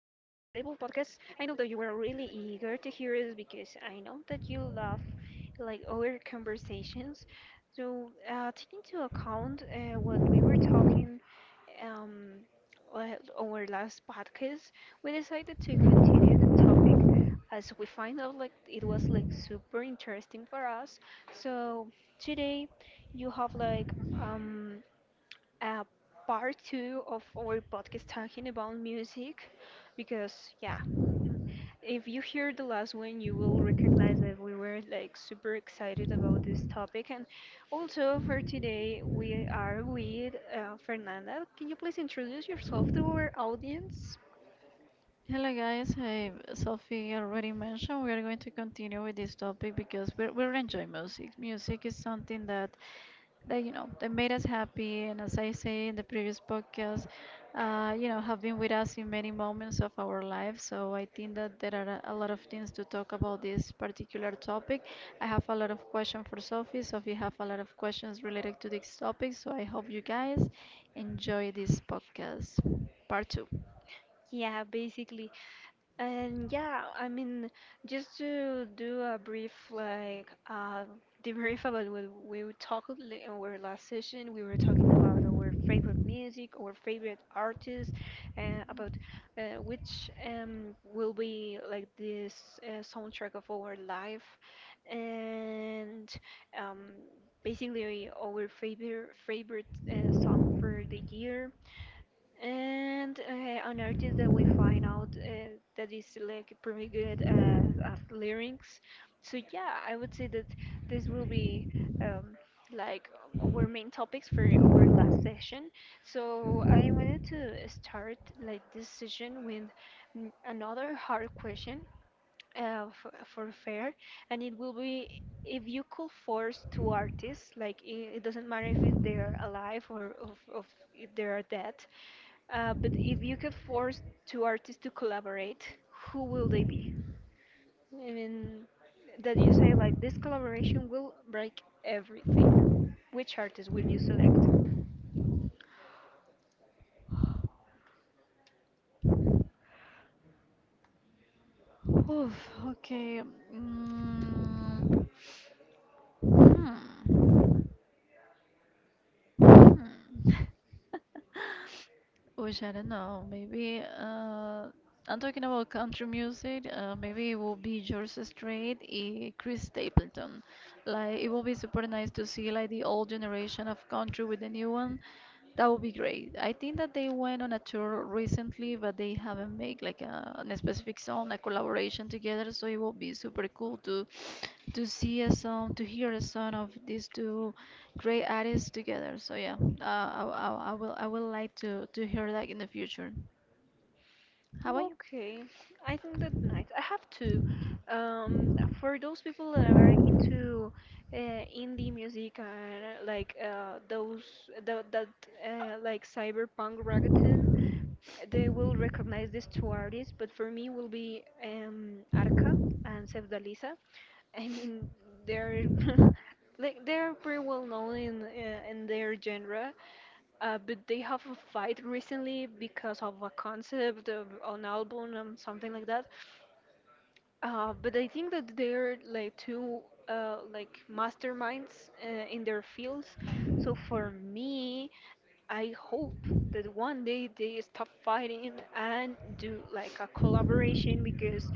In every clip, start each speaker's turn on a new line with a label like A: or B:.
A: podcast. I know that you were really eager to hear us because I know that you love like our conversations. So, take into account what we were talking um, our last podcast, we decided to continue the topic as we find out like it was like super interesting for us. So, today you have like um uh, part two of our podcast talking about music because, yeah, mm, if you hear the last one, you will recognize that we were like super excited about this topic. And also for today, we are with Fernanda. Can you please introduce yourself to our audience?
B: Hello guys, hey Sophie already mentioned we are going to continue with this topic because we're enjoying music. Music is something that made us happy and as I say in the previous podcast, have been with us in many moments of our life. So I think that there are a lot of things to talk about this particular topic. I have a lot of questions for Sophie. Sophie have a lot of questions related to this topic. So I hope you guys enjoy this podcast part two.
A: Yeah, basically. And yeah, I mean, just to do a brief like debrief about what we were talked in our last session, we were talking about our favorite music, our favorite artists, and about which will be like this soundtrack of our life, and um, basically our favorite song for the year and an artist that we find out that is like pretty good at lyrics. So yeah, I would say that this will be um, like our main topics for our last session. So I wanted to start like this session with another hard question for, fair, and it will be if you could force two artists like it doesn't matter if they're alive or of if they are dead, but if you could force two artists to collaborate, who will they be? I mean, that you say like this collaboration will break everything. Which artist will you select?
B: Oof, okay. Mm, hmm. Hmm. Which I don't know. Maybe I'm talking about country music. Maybe it will be George Strait, Chris Stapleton. Like it will be super nice to see like the old generation of country with the new one. That would be great. I think that they went on a tour recently, but they haven't made like a specific song, a collaboration together. So it will be super cool to see a song, to hear a song of these two great artists together. So yeah, I will like to hear that in the future. How about you?
A: Okay, I think that's nice. I have two. Um, for those people that are into indie music and that like cyberpunk reggaeton, they will recognize these two artists, but for me will be Arca and Sevdalisa. I mean, they're like they're pretty well known in their genre, but they have a fight recently because of a concept of an album and something like that. But I think that they're like two like masterminds in their fields. So for me, I hope that one day they stop fighting and do like a collaboration because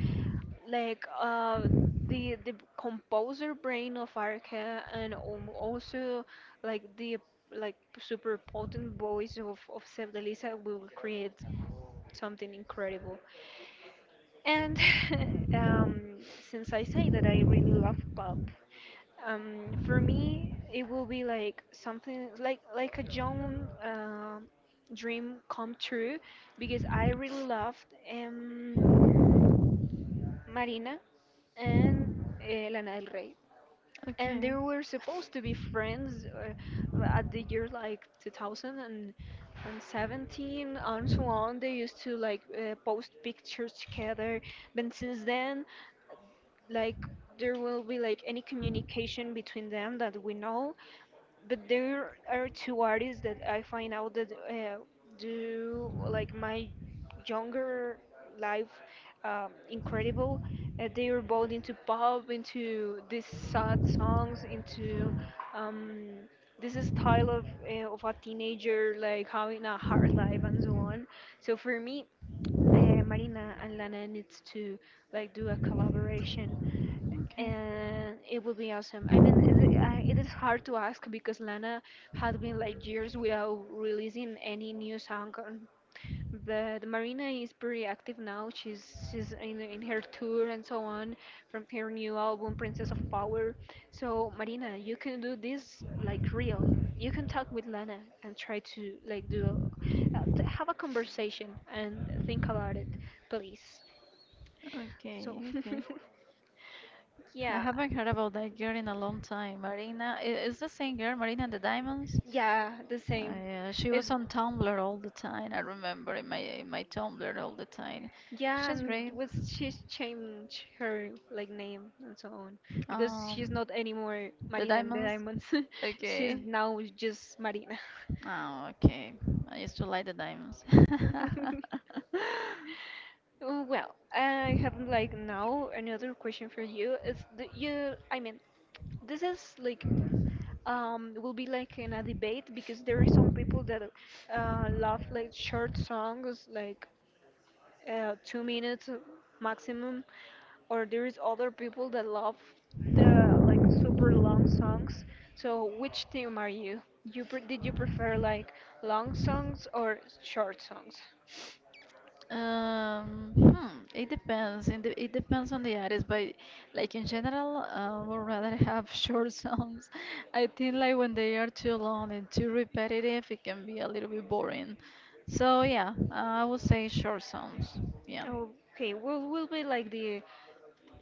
A: like uh the composer brain of Arca and also like the like super potent voice of Sevdelisa will create something incredible. And um, since I say that I really love pop, for me it will be like something like a young dream come true because I really loved. Um, Marina, and Lana Del Rey. And they
B: Okay.
A: were supposed to be friends at the year like 2000 and 17 and so on. They used to like post pictures together. But since then, like there will be like any communication between them that we know, but there are two artists that I find out that do like my younger life incredible. They were both into pop, into these sad songs, into um, this style of a teenager like having a hard life and so on. So for me, Marina and Lana needs to like do a collaboration,
B: Okay.
A: and it would be awesome. I mean, it is hard to ask because Lana had been like years without releasing any new song on, but Marina is pretty active now. She's in her tour and so on from her new album Princess of Power. So Marina, you can do this like real. You can talk with Lana and try to like have a conversation and think about it, please. So
B: Okay. Okay. I
A: yeah,
B: haven't heard about that girl in a long time. Marina, is the same girl, Marina and the Diamonds?
A: yeah, the same.
B: Yeah, she
A: It's
B: was on Tumblr all the time. I remember in my Tumblr all the time.
A: Yeah,
B: She's
A: and
B: great.
A: was she's changed her like name and so on because she's
B: Um,
A: not anymore
B: the
A: Marina and the
B: Diamonds.
A: Diamonds. She's
B: Okay.
A: now just Marina.
B: Oh, okay. I used to like the Diamonds.
A: Oh, well, I have like now another question for you. Is the you? I mean, this is like will be like in a debate because there are some people that love like short songs like 2 minutes maximum, or there is other people that love the like super long songs. So which team are you pre- did you prefer, like long songs or short songs?
B: It depends. It depends on the artist, but like in general, would rather have short songs. I think like when they are too long and too repetitive, it can be a little bit boring. So yeah, I would say short songs. Yeah.
A: Okay, will be like the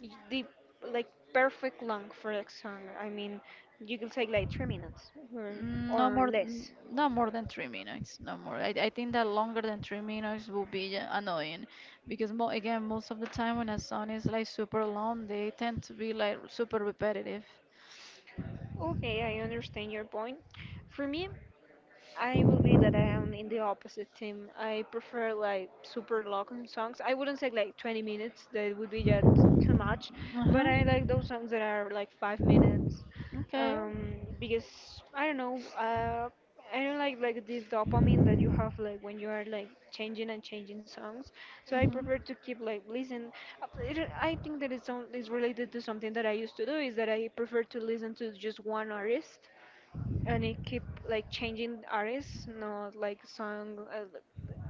A: the like perfect length for a song? I mean, you can take like 3 minutes
B: No
A: or
B: more,
A: less?
B: no more than 3 minutes. No more. I think that longer than 3 minutes will be annoying because mo again, most of the time when a song is like super long, they tend to be like super repetitive.
A: Okay, I understand your point. For me, I will be that I am in the opposite team. I prefer like super long songs. I wouldn't say like 20 minutes, that would be just too much.
B: Uh
A: But
B: huh.
A: I like those songs that are like 5 minutes.
B: Okay.
A: Because I don't know, I don't like the dopamine that you have like when you are like changing and changing songs. So I prefer to keep like listen. I think that it's related to something that I used to do is that I prefer to listen to just one artist and it keep like changing artists, not like song.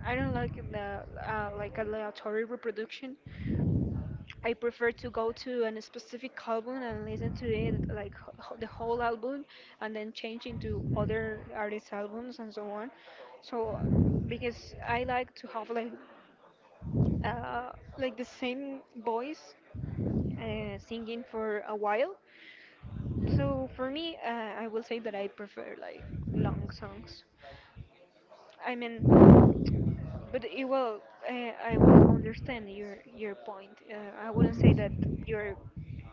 A: I don't like the like aleatory reproduction. I prefer to go to a specific album and listen to it like the whole album, and then change into other artists' albums and so on. So because I like to have uh, like the same voice singing for a while. So for me, I will say that I prefer like long songs. I mean, But it, well, I will understand your point. I wouldn't say that you're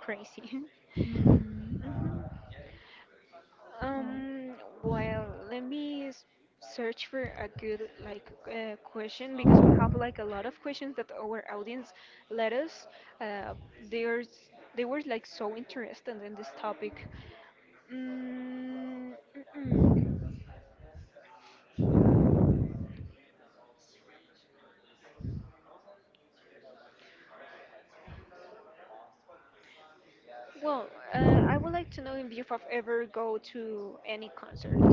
A: crazy.
B: Mhm. Mhm. Oh.
A: um, well, let me search for a good like question because we have like a lot of questions that our audience let us. Uh, there's They were like so interested in this topic. Mm, mm-mm. Well, I would like to know if you have ever go to any concert.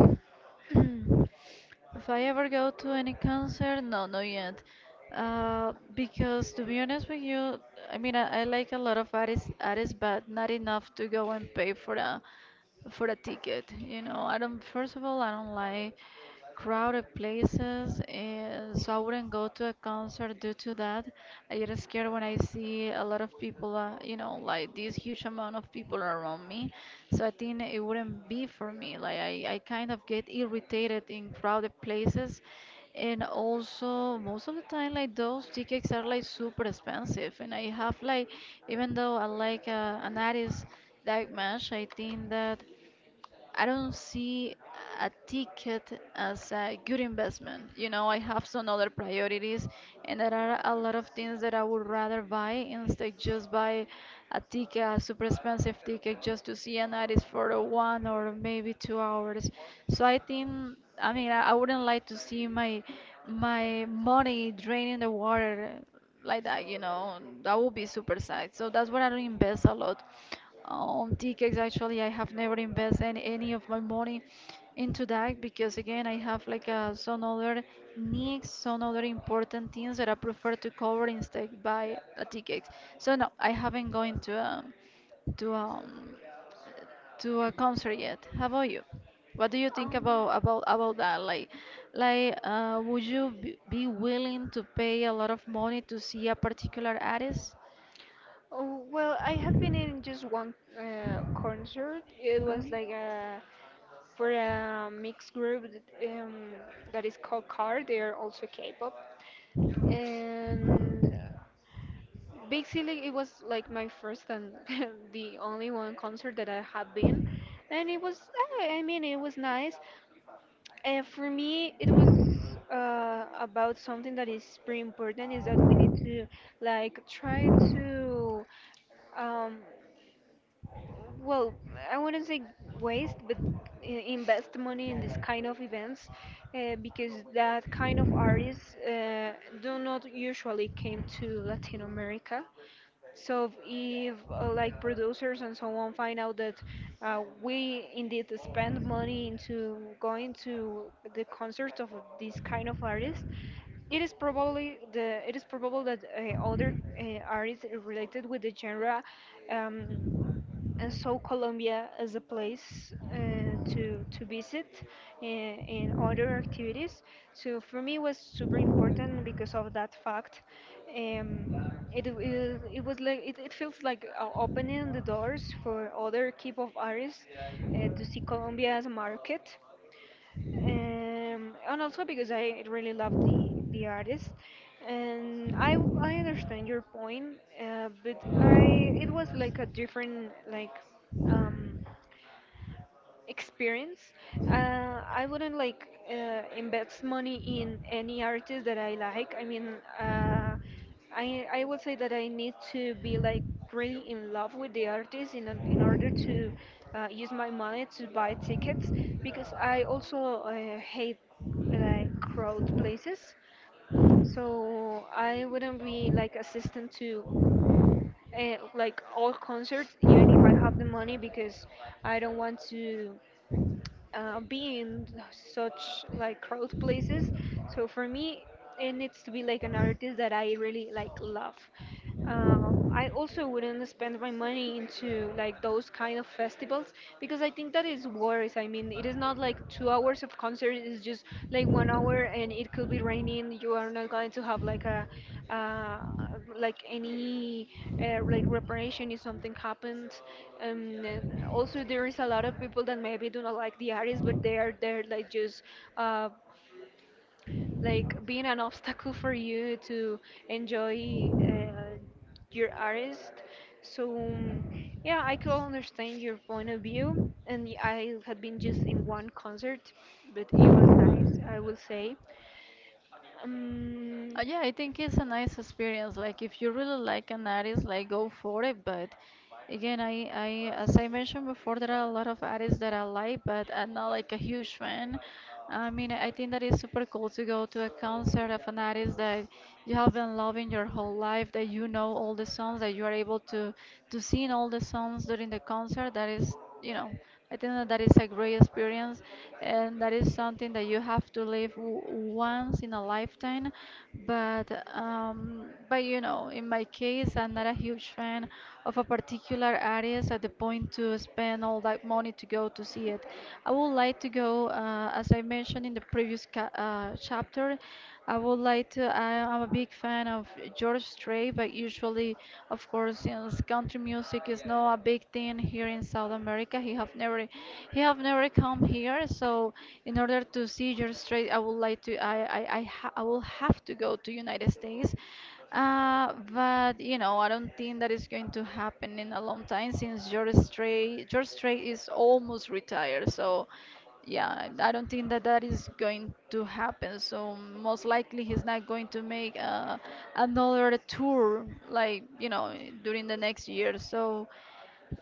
B: If I ever go to any concert, no, not yet. Because to be honest with you, I mean, I like a lot of artists, artists, but not enough to go and pay for a ticket. You know, I don't. First of all, I don't like crowded places and so I wouldn't go to a concert due to that. I get scared when I see a lot of people, you know, like this huge amount of people around me. So I think it wouldn't be for me. Like I kind of get irritated in crowded places. And also, most of the time, like those tickets are like super expensive. And I have like, even though I like an artist that much, I think that I don't see a ticket as a good investment. You know, I have some other priorities, and there are a lot of things that I would rather buy instead just buy a ticket, a super expensive ticket, just to see an artist for a one or maybe 2 hours. So I think, I mean, I wouldn't like to see my money draining the water like that, you know, that would be super sad. So that's why I don't invest a lot on tickets. Actually, I have never invested any of my money into that because again, I have like some other needs, some other important things that I prefer to cover instead by a ticket. So no, I haven't gone to to um to a concert yet. How about you? What do you think
A: Um,
B: about that? Like, would you be willing to pay a lot of money to see a particular artist?
A: Oh, well, I have been in just one concert. It
B: Okay.
A: was like a for a mixed group that, that is called CAR. They are also K-pop, and basically it was like my first and the only one concert that I have been, and it was. I mean, it was nice. For me, it was about something that is pretty important is that we need to like try to um, well, I wouldn't say waste, but i- invest money in this kind of events because that kind of artists do not usually came to Latin America. So if like producers and so on find out that we indeed spend money into going to the concerts of this kind of artists, it is probably the it is probable that other artists related with the genre um, and so Colombia is a place to visit in other activities. So for me, it was super important because of that fact. Um, it was like it feels like opening the doors for other K-pop artists to see Colombia as a market, and also because I really love the artist, and I understand your point, but I it was like a different like um, experience. I wouldn't like invest money in any artist that I like. I mean, I would say that I need to be like really in love with the artist in in order to use my money to buy tickets because I also hate like crowd places. So I wouldn't be like assistant to like all concerts even if I have the money because I don't want to be in such like crowd places. So for me, it needs to be like an artist that I really like love. I also wouldn't spend my money into like those kind of festivals because I think that is worse. I mean, it is not like 2 hours of concert; it's just like 1 hour, and it could be raining. You are not going to have like a uh, like any like reparation if something happened, and also there is a lot of people that maybe do not like the artist but they are there like just uh, like being an obstacle for you to enjoy your artist. So yeah, I could understand your point of view, and I had been just in one concert, but it was nice, I will say. um,
B: Yeah, I think it's a nice experience. Like if you really like an artist, like go for it. But again, I as I mentioned before, there are a lot of artists that I like, but I'm not like a huge fan. I mean, I think that it's super cool to go to a concert of an artist that you have been loving your whole life, that you know all the songs, that you are able to sing all the songs during the concert. That is, you know, I think that that is a great experience, and that is something that you have to live once in a lifetime. But um, but you know, in my case, I'm not a huge fan of a particular artist at the point to spend all that money to go to see it. I would like to go, as I mentioned in the previous chapter. I would like to. I'm a big fan of George Strait, but usually, of course, since country music is not a big thing here in South America, he have never come here. So, in order to see George Strait, I would like to. I will have to go to United States. But you know, I don't think that is going to happen in a long time since George Strait is almost retired. So. Yeah, I don't think that that is going to happen. So most likely he's not going to make another tour, like you know, during the next year. So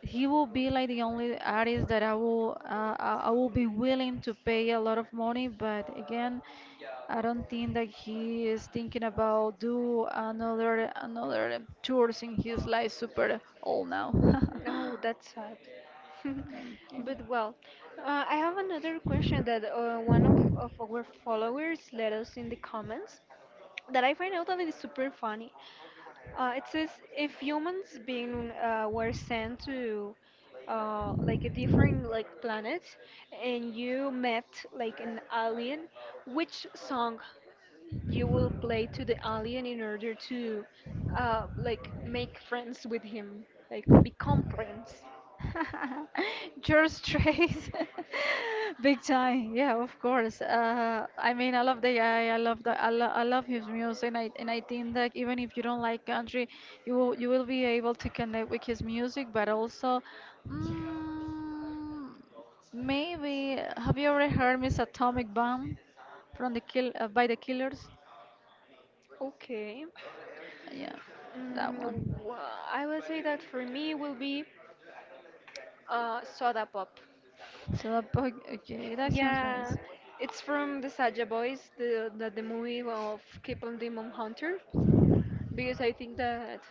B: he will be like the only artist that I will be willing to pay a lot of money. But again, I don't think that he is thinking about do another tours in his life. Super old now.
A: Oh, that's sad.
B: Okay.
A: But well, I have another question that one of our followers let us in the comments that I find out that it is super funny. It says if humans being were sent to like a different like planet, and you met like an alien, which song you will play to the alien in order to like make friends with him, like become friends?
B: George Trace, big time. Yeah, of course. I mean, I love the guy. I love his music, and I think that even if you don't like country, you will be able to connect with his music. But also, mm, maybe have you ever heard Miss Atomic Bomb from the kill by the Killers?
A: Okay.
B: Yeah, that
A: Mm,
B: one.
A: I will say that for me will be Soda Pop.
B: So okay, that sounds
A: Yeah,
B: nice.
A: it's from the Saja Boys, the movie of Keep on Demon Hunter, because I think that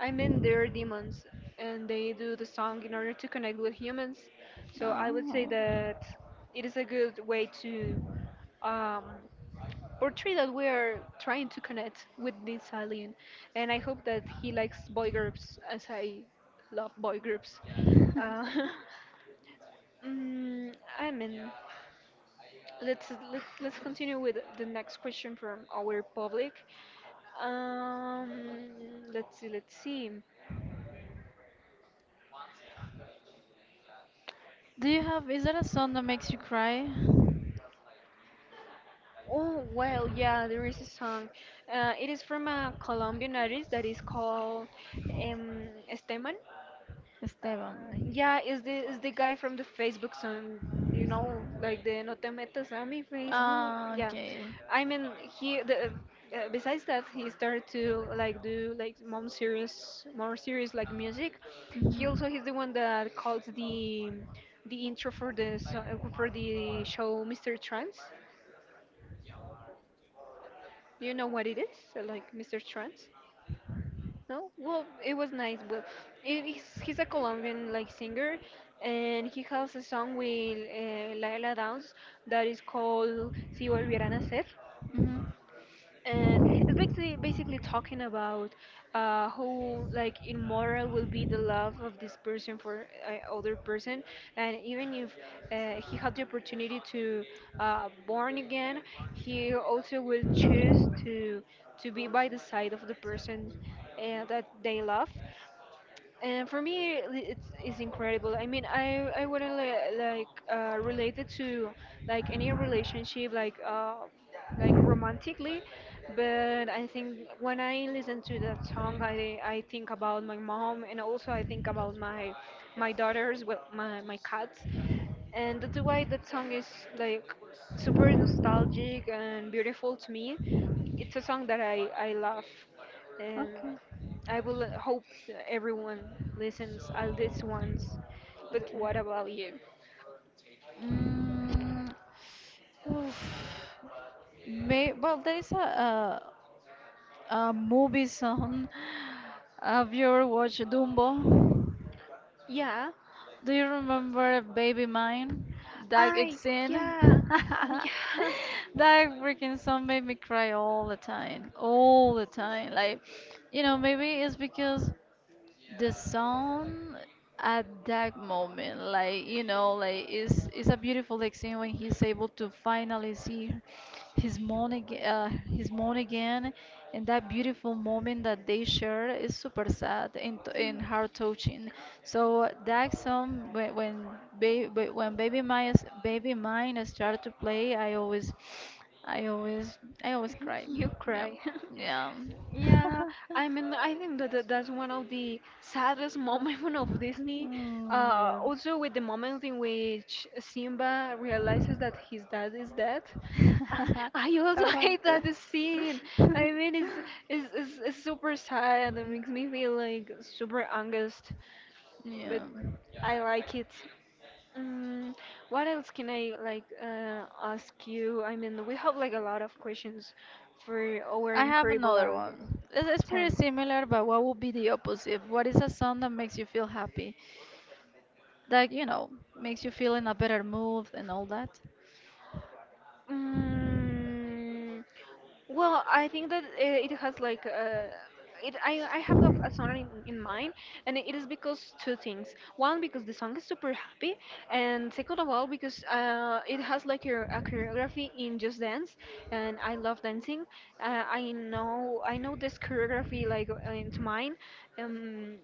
A: I mean they're demons and they do the song in order to connect with humans. So I would say
B: Oh.
A: that it is a good way to um, portray that we're trying to connect with this alien, and I hope that he likes boy groups as I love boy groups. Uh, Mm, I mean, let's continue with the next question from our public. Um, let's see, let's see.
B: Do you have, is there a song that makes you cry?
A: Oh well, yeah, there is a song. It is from a Colombian artist that is called um, Esteban.
B: Esteban.
A: Yeah, is the guy from the Facebook song, you know, like the No te metas a mi Facebook.
B: Ah,
A: Yeah,
B: okay.
A: I mean he the. Besides that, he started to like do like more serious like music. He
B: Mhm.
A: also he's the one that called the intro for the for the show Mr. Trance. You know what it is? So, like Mr. Trance. No? Well, it was nice. Well, he's a Colombian like singer, and he has a song with Laila Downs that is called Si Volvieran a Ser,
B: Mhm.
A: and it's basically talking about how like immoral will be the love of this person for other person, and even if he had the opportunity to born again, he also will choose to be by the side of the person that they love. And for me, it's incredible. I mean, I wouldn't like relate it to like any relationship, like romantically, but I think when I listen to that song, I think about my mom and also I think about my my daughters, well, my cats, and that's why that song is like super nostalgic and beautiful to me. It's a song that I love, and.
B: Okay.
A: I will hope that everyone listens at least once. But
B: Okay.
A: what about you?
B: Mm, oof. May, well, there is a movie song. Have you ever watched Dumbo?
A: Yeah.
B: Do you remember Baby Mine? That
A: I
B: scene?
A: yeah yeah.
B: That freaking song made me cry all the time. All the time. Like, you know, maybe it's because the song at that moment, like you know, like it's a beautiful like scene when he's able to finally see his mom again, and that beautiful moment that they share is super sad
A: Mm.
B: and heart touching. So that song, when baby mine started to play, i always I always cry.
A: You
B: Yeah.
A: cry.
B: Yeah.
A: Yeah, I mean, I think that that's one of the saddest moments of Disney.
B: Mm,
A: Also, with the moment in which Simba realizes that his dad is dead.
B: yeah.
A: I also
B: I want
A: hate that scene.
B: to.
A: I mean, it's super sad and makes me feel like super angst,
B: Yeah.
A: but I like it. Mm, what else can I like ask you? I mean, we have like a lot of questions for our
B: I have
A: incredible
B: another
A: audience.
B: one. It's
A: Tell
B: pretty
A: me.
B: similar, but what would be the opposite? What is a song that makes you feel happy? That, you know, makes you feel in a better mood and all that?
A: Mm, well, I think that it has like it. I have a song in mind, and it is because two things. One, because the song is super happy, and second of all, because it has like a choreography in Just Dance, and I love dancing. I know this choreography like into mine. Um,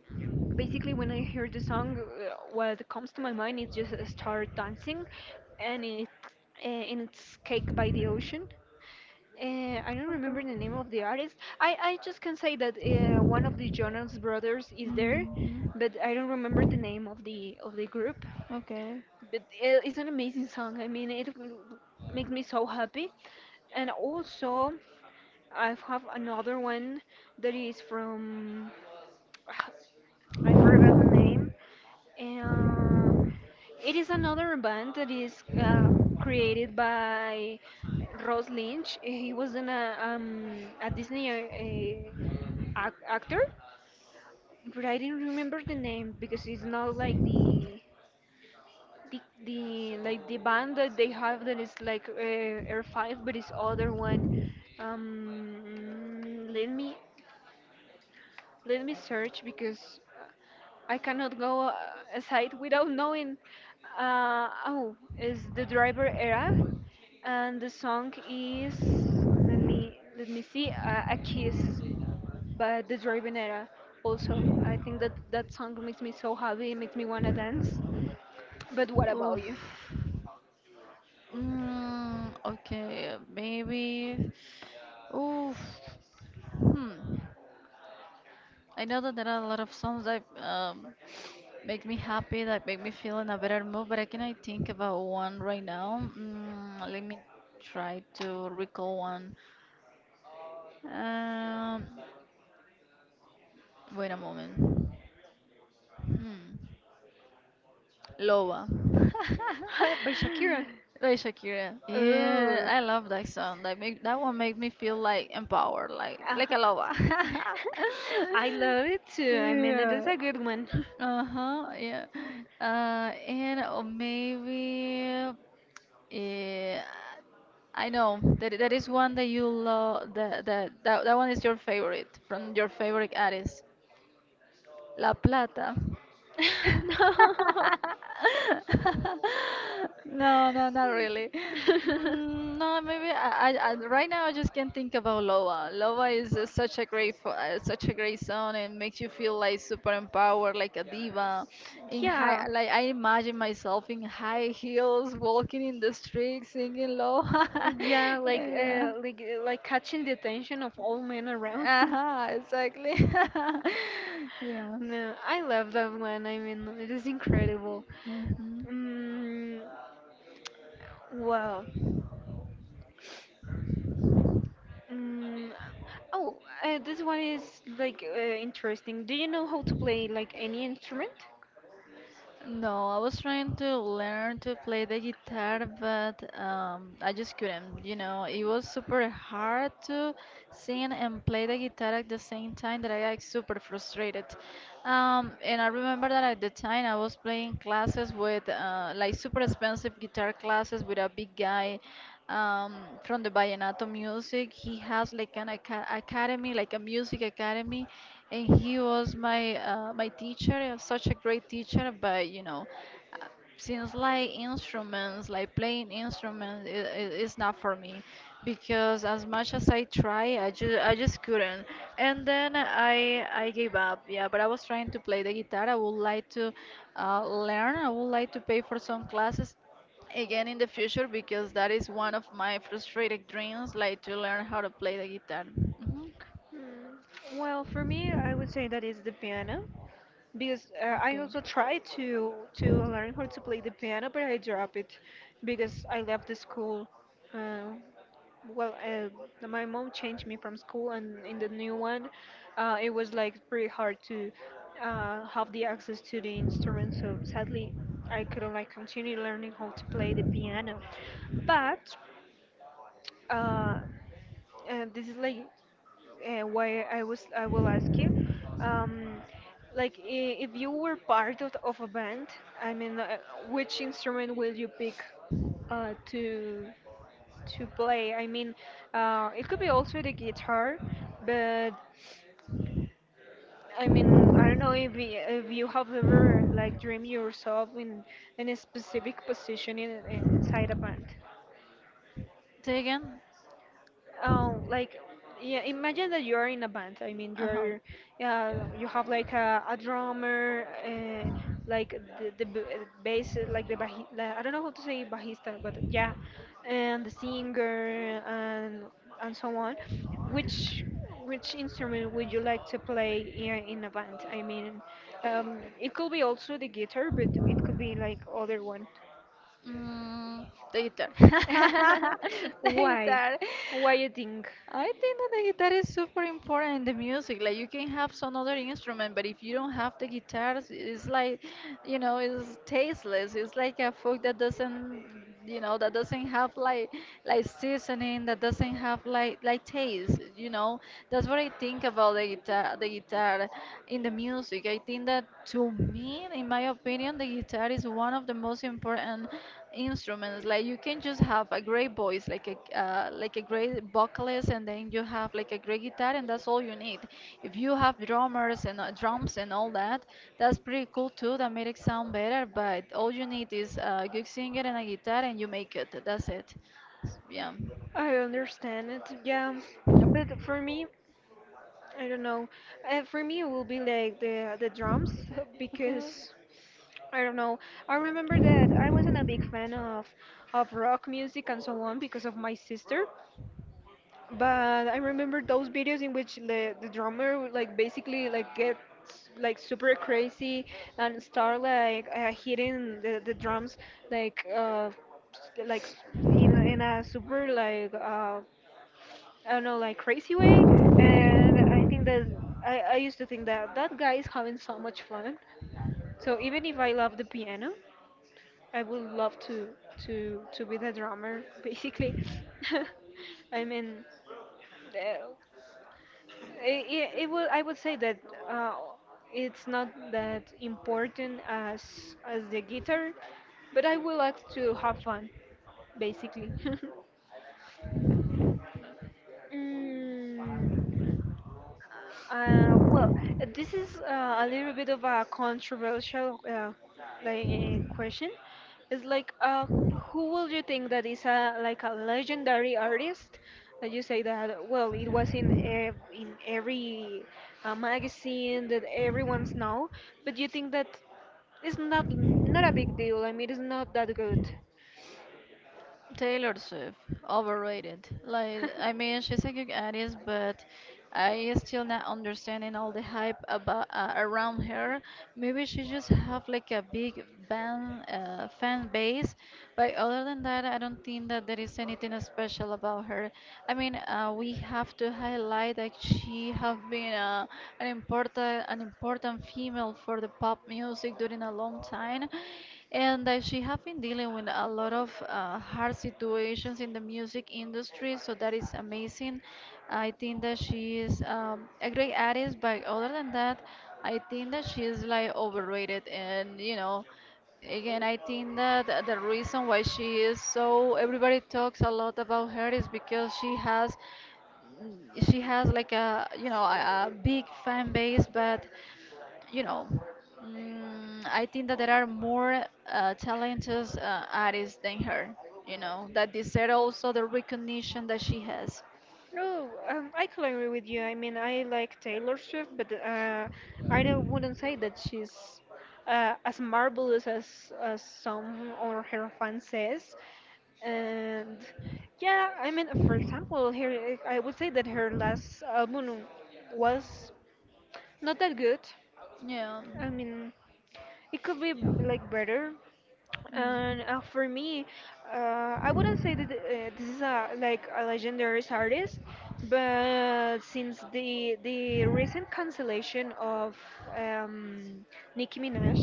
A: Basically, when I hear the song, what comes to my mind is just start dancing, and it and it's Cake by the Ocean. I don't remember the name of the artist. I just can say that one of the Jonas brothers is there,
B: Hmm.
A: but I don't remember the name of the group,
B: Okay.
A: but it's an amazing song. I mean, it makes me so happy. And also, I have another one that is from I forgot the name. Uh, it is another band that is created by Ross Lynch. He was a Disney ac actor, but I didn't remember the name because it's not like the the like the band that they have that is like Air Five, but it's other one. Um, let me let me search because I cannot go aside without knowing. Oh, is the driver era, and the song is let me see a kiss by the driver era. Also, I think that that song makes me so happy, it makes me wanna dance. But what about
B: Oof.
A: you?
B: Mm, okay, maybe. Oof. Hmm. I know that there are a lot of songs that make me happy, that make me feel in a better mood, but I cannot think about one right now. Mm, let me try to recall one. Um, wait a moment. Hmm. Loa.
A: By Shakira.
B: By Shakira. Yeah,
A: Oh.
B: I love that song. That one make me feel like empowered,
A: Uh,
B: like a loba.
A: I love it too. I mean, it is
B: Yeah.
A: a good one.
B: Uh-huh, yeah. Uh, and or maybe yeah, I know that that is one that you love, that one is your favorite from your favorite artist. La Plata.
A: No.
B: No, no, not really. Mm, no, maybe I, right now I just can't think about Loa. Loa is such a such a great song and makes you feel like super empowered, like a diva. In
A: Yeah.
B: high, like I imagine myself in high heels, walking in the street, singing Loa.
A: Yeah, like
B: Yeah.
A: like catching the attention of all men around.
B: Uh-huh, exactly. Yeah.
A: No, I love that one. I mean, it is incredible.
B: Hmm.
A: Mm, wow. Mm, oh, this one is like interesting. Do you know how to play like any instrument?
B: No, I was trying to learn to play the guitar, but I just couldn't. You know, it was super hard to sing and play the guitar at the same time that I got super frustrated. And I remember that at the time I was playing classes with like super expensive guitar classes with a big guy. um, from the vallenato music. He has like an academy, like a music academy, and he was my my teacher. Such a great teacher, but you know, uh, since like instruments, like playing instruments, it's not for me because as much as I try, I just couldn't. And then I gave up. Yeah, but I was trying to play the guitar. I would like to learn. I would like to pay for some classes again in the future because that is one of my frustrated dreams, like to learn how to play the guitar. Hmm.
A: Hmm. Well, for me, I would say that is the piano because I also tried to learn how to play the piano, but I dropped it because I left the school. Uh, Well, my mom changed me from school, and in the new one, it was like pretty hard to have the access to the instrument. So sadly, I couldn't like continue learning how to play the piano. But uh, this is like why I will ask you, um, like if you were part of a band, I mean, which instrument will you pick to? To play. I mean, it could be also the guitar, but I mean, I don't know if if you have ever like dreamed yourself in a specific position in, inside a band.
B: Say again.
A: Um, like yeah, imagine that you're in a band. I mean,
B: Uh-huh.
A: you're you have like a drummer like the, the bass like the like, I don't know how to say bajista, but yeah, and the singer and so on. which which instrument would you like to play in a band? I mean, it could be also the guitar, but it could be like other one.
B: Mm, the guitar.
A: why why you think?
B: I think that the guitar is super important in the music. Like you can have some other instrument, but if you don't have the guitars, it's like, you know, it's tasteless. It's like a food that doesn't, you know, that doesn't have like seasoning, that doesn't have like taste. You know, that's what I think about the guitar in the music. I think that to me, in my opinion, the guitar is one of the most important instruments. Like you can just have a great voice, like a great vocalist, and then you have like a great guitar, and that's all you need. If you have drummers and drums and all that, that's pretty cool too. That made it sound better, but all you need is a good singer and a guitar and you make it. That's it. Yeah.
A: I understand it, yeah. But for me, I don't know. For me, it will be like the drums
B: Okay.
A: because I don't know. I remember that I wasn't a big fan of rock music and so on because of my sister. But I remember those videos in which the drummer would, like basically like gets like super crazy and start like hitting the drums like s- like s- in in a super like I don't know, like crazy way. And I think that I used to think that that guy is having so much fun. So even if I love the piano, I would love to be the drummer, basically. I mean, uh, it, it would I would say that uh, it's not that important as the guitar, but I would like to have fun, basically. Mm, uh, well, this is a little bit of a controversial question. It's like, who will you think that is a like a legendary artist? That you say that well, it was in ev in every magazine that everyone's know, but you think that it's not not a big deal. I mean, it's not that good.
B: Taylor Swift, overrated. Like, I mean, she's a good artist, but I still not understanding all the hype about around her. Maybe she just have like a big fan base, but other than that, I don't think that there is anything special about her. I mean, we have to highlight that she have been an important female for the pop music during a long time, and that she have been dealing with a lot of hard situations in the music industry, so that is amazing. I think that she is a great artist, but other than that, I think that she is like overrated. And you know, again, I think that the reason why she is so everybody talks a lot about her is because she has like a, you know, a big fan base, but you know, mm, I think that there are more talented artists than her, you know, that deserve also the recognition that she has.
A: No, I can agree with you. I mean, I like Taylor Swift, but I don't, wouldn't say that she's as marvelous as some or her fans says. And yeah, I mean, for example, her I would say that her last album was not that good.
B: Yeah.
A: I mean, it could be like better. And
B: Mm.
A: for me, uh, I wouldn't say that this is a like a legendary artist, but since the recent cancellation of um, Nicki Minaj,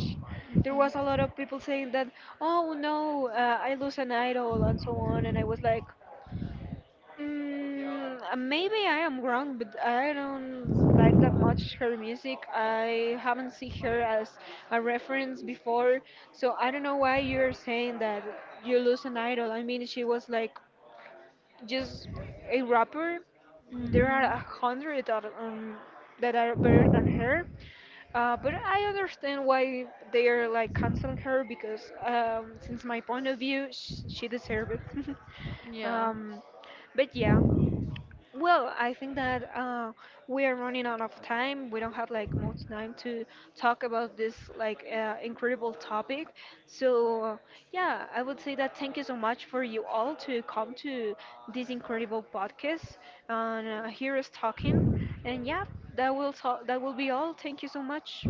A: there was a lot of people saying that, oh no, I lose an idol and so on, and I was like.
B: Mhm.
A: Mm, maybe I am wrong, but I don't like that much her music. I haven't seen her as a reference before, so I don't know why you're saying that you lose an idol. I mean, she was like just a rapper. There are a
B: Mhm.
A: hundred that, that are better than her. But I understand why they are like canceling her because, since my point of view, sh she deserved it.
B: Yeah.
A: Um, but yeah. Well, I think that we are running out of time. We don't have like much time to talk about this like incredible topic. So yeah, I would say that thank you so much for you all to come to this incredible podcast and hear us talking. And yeah, that will talk. That will be all. Thank you so much.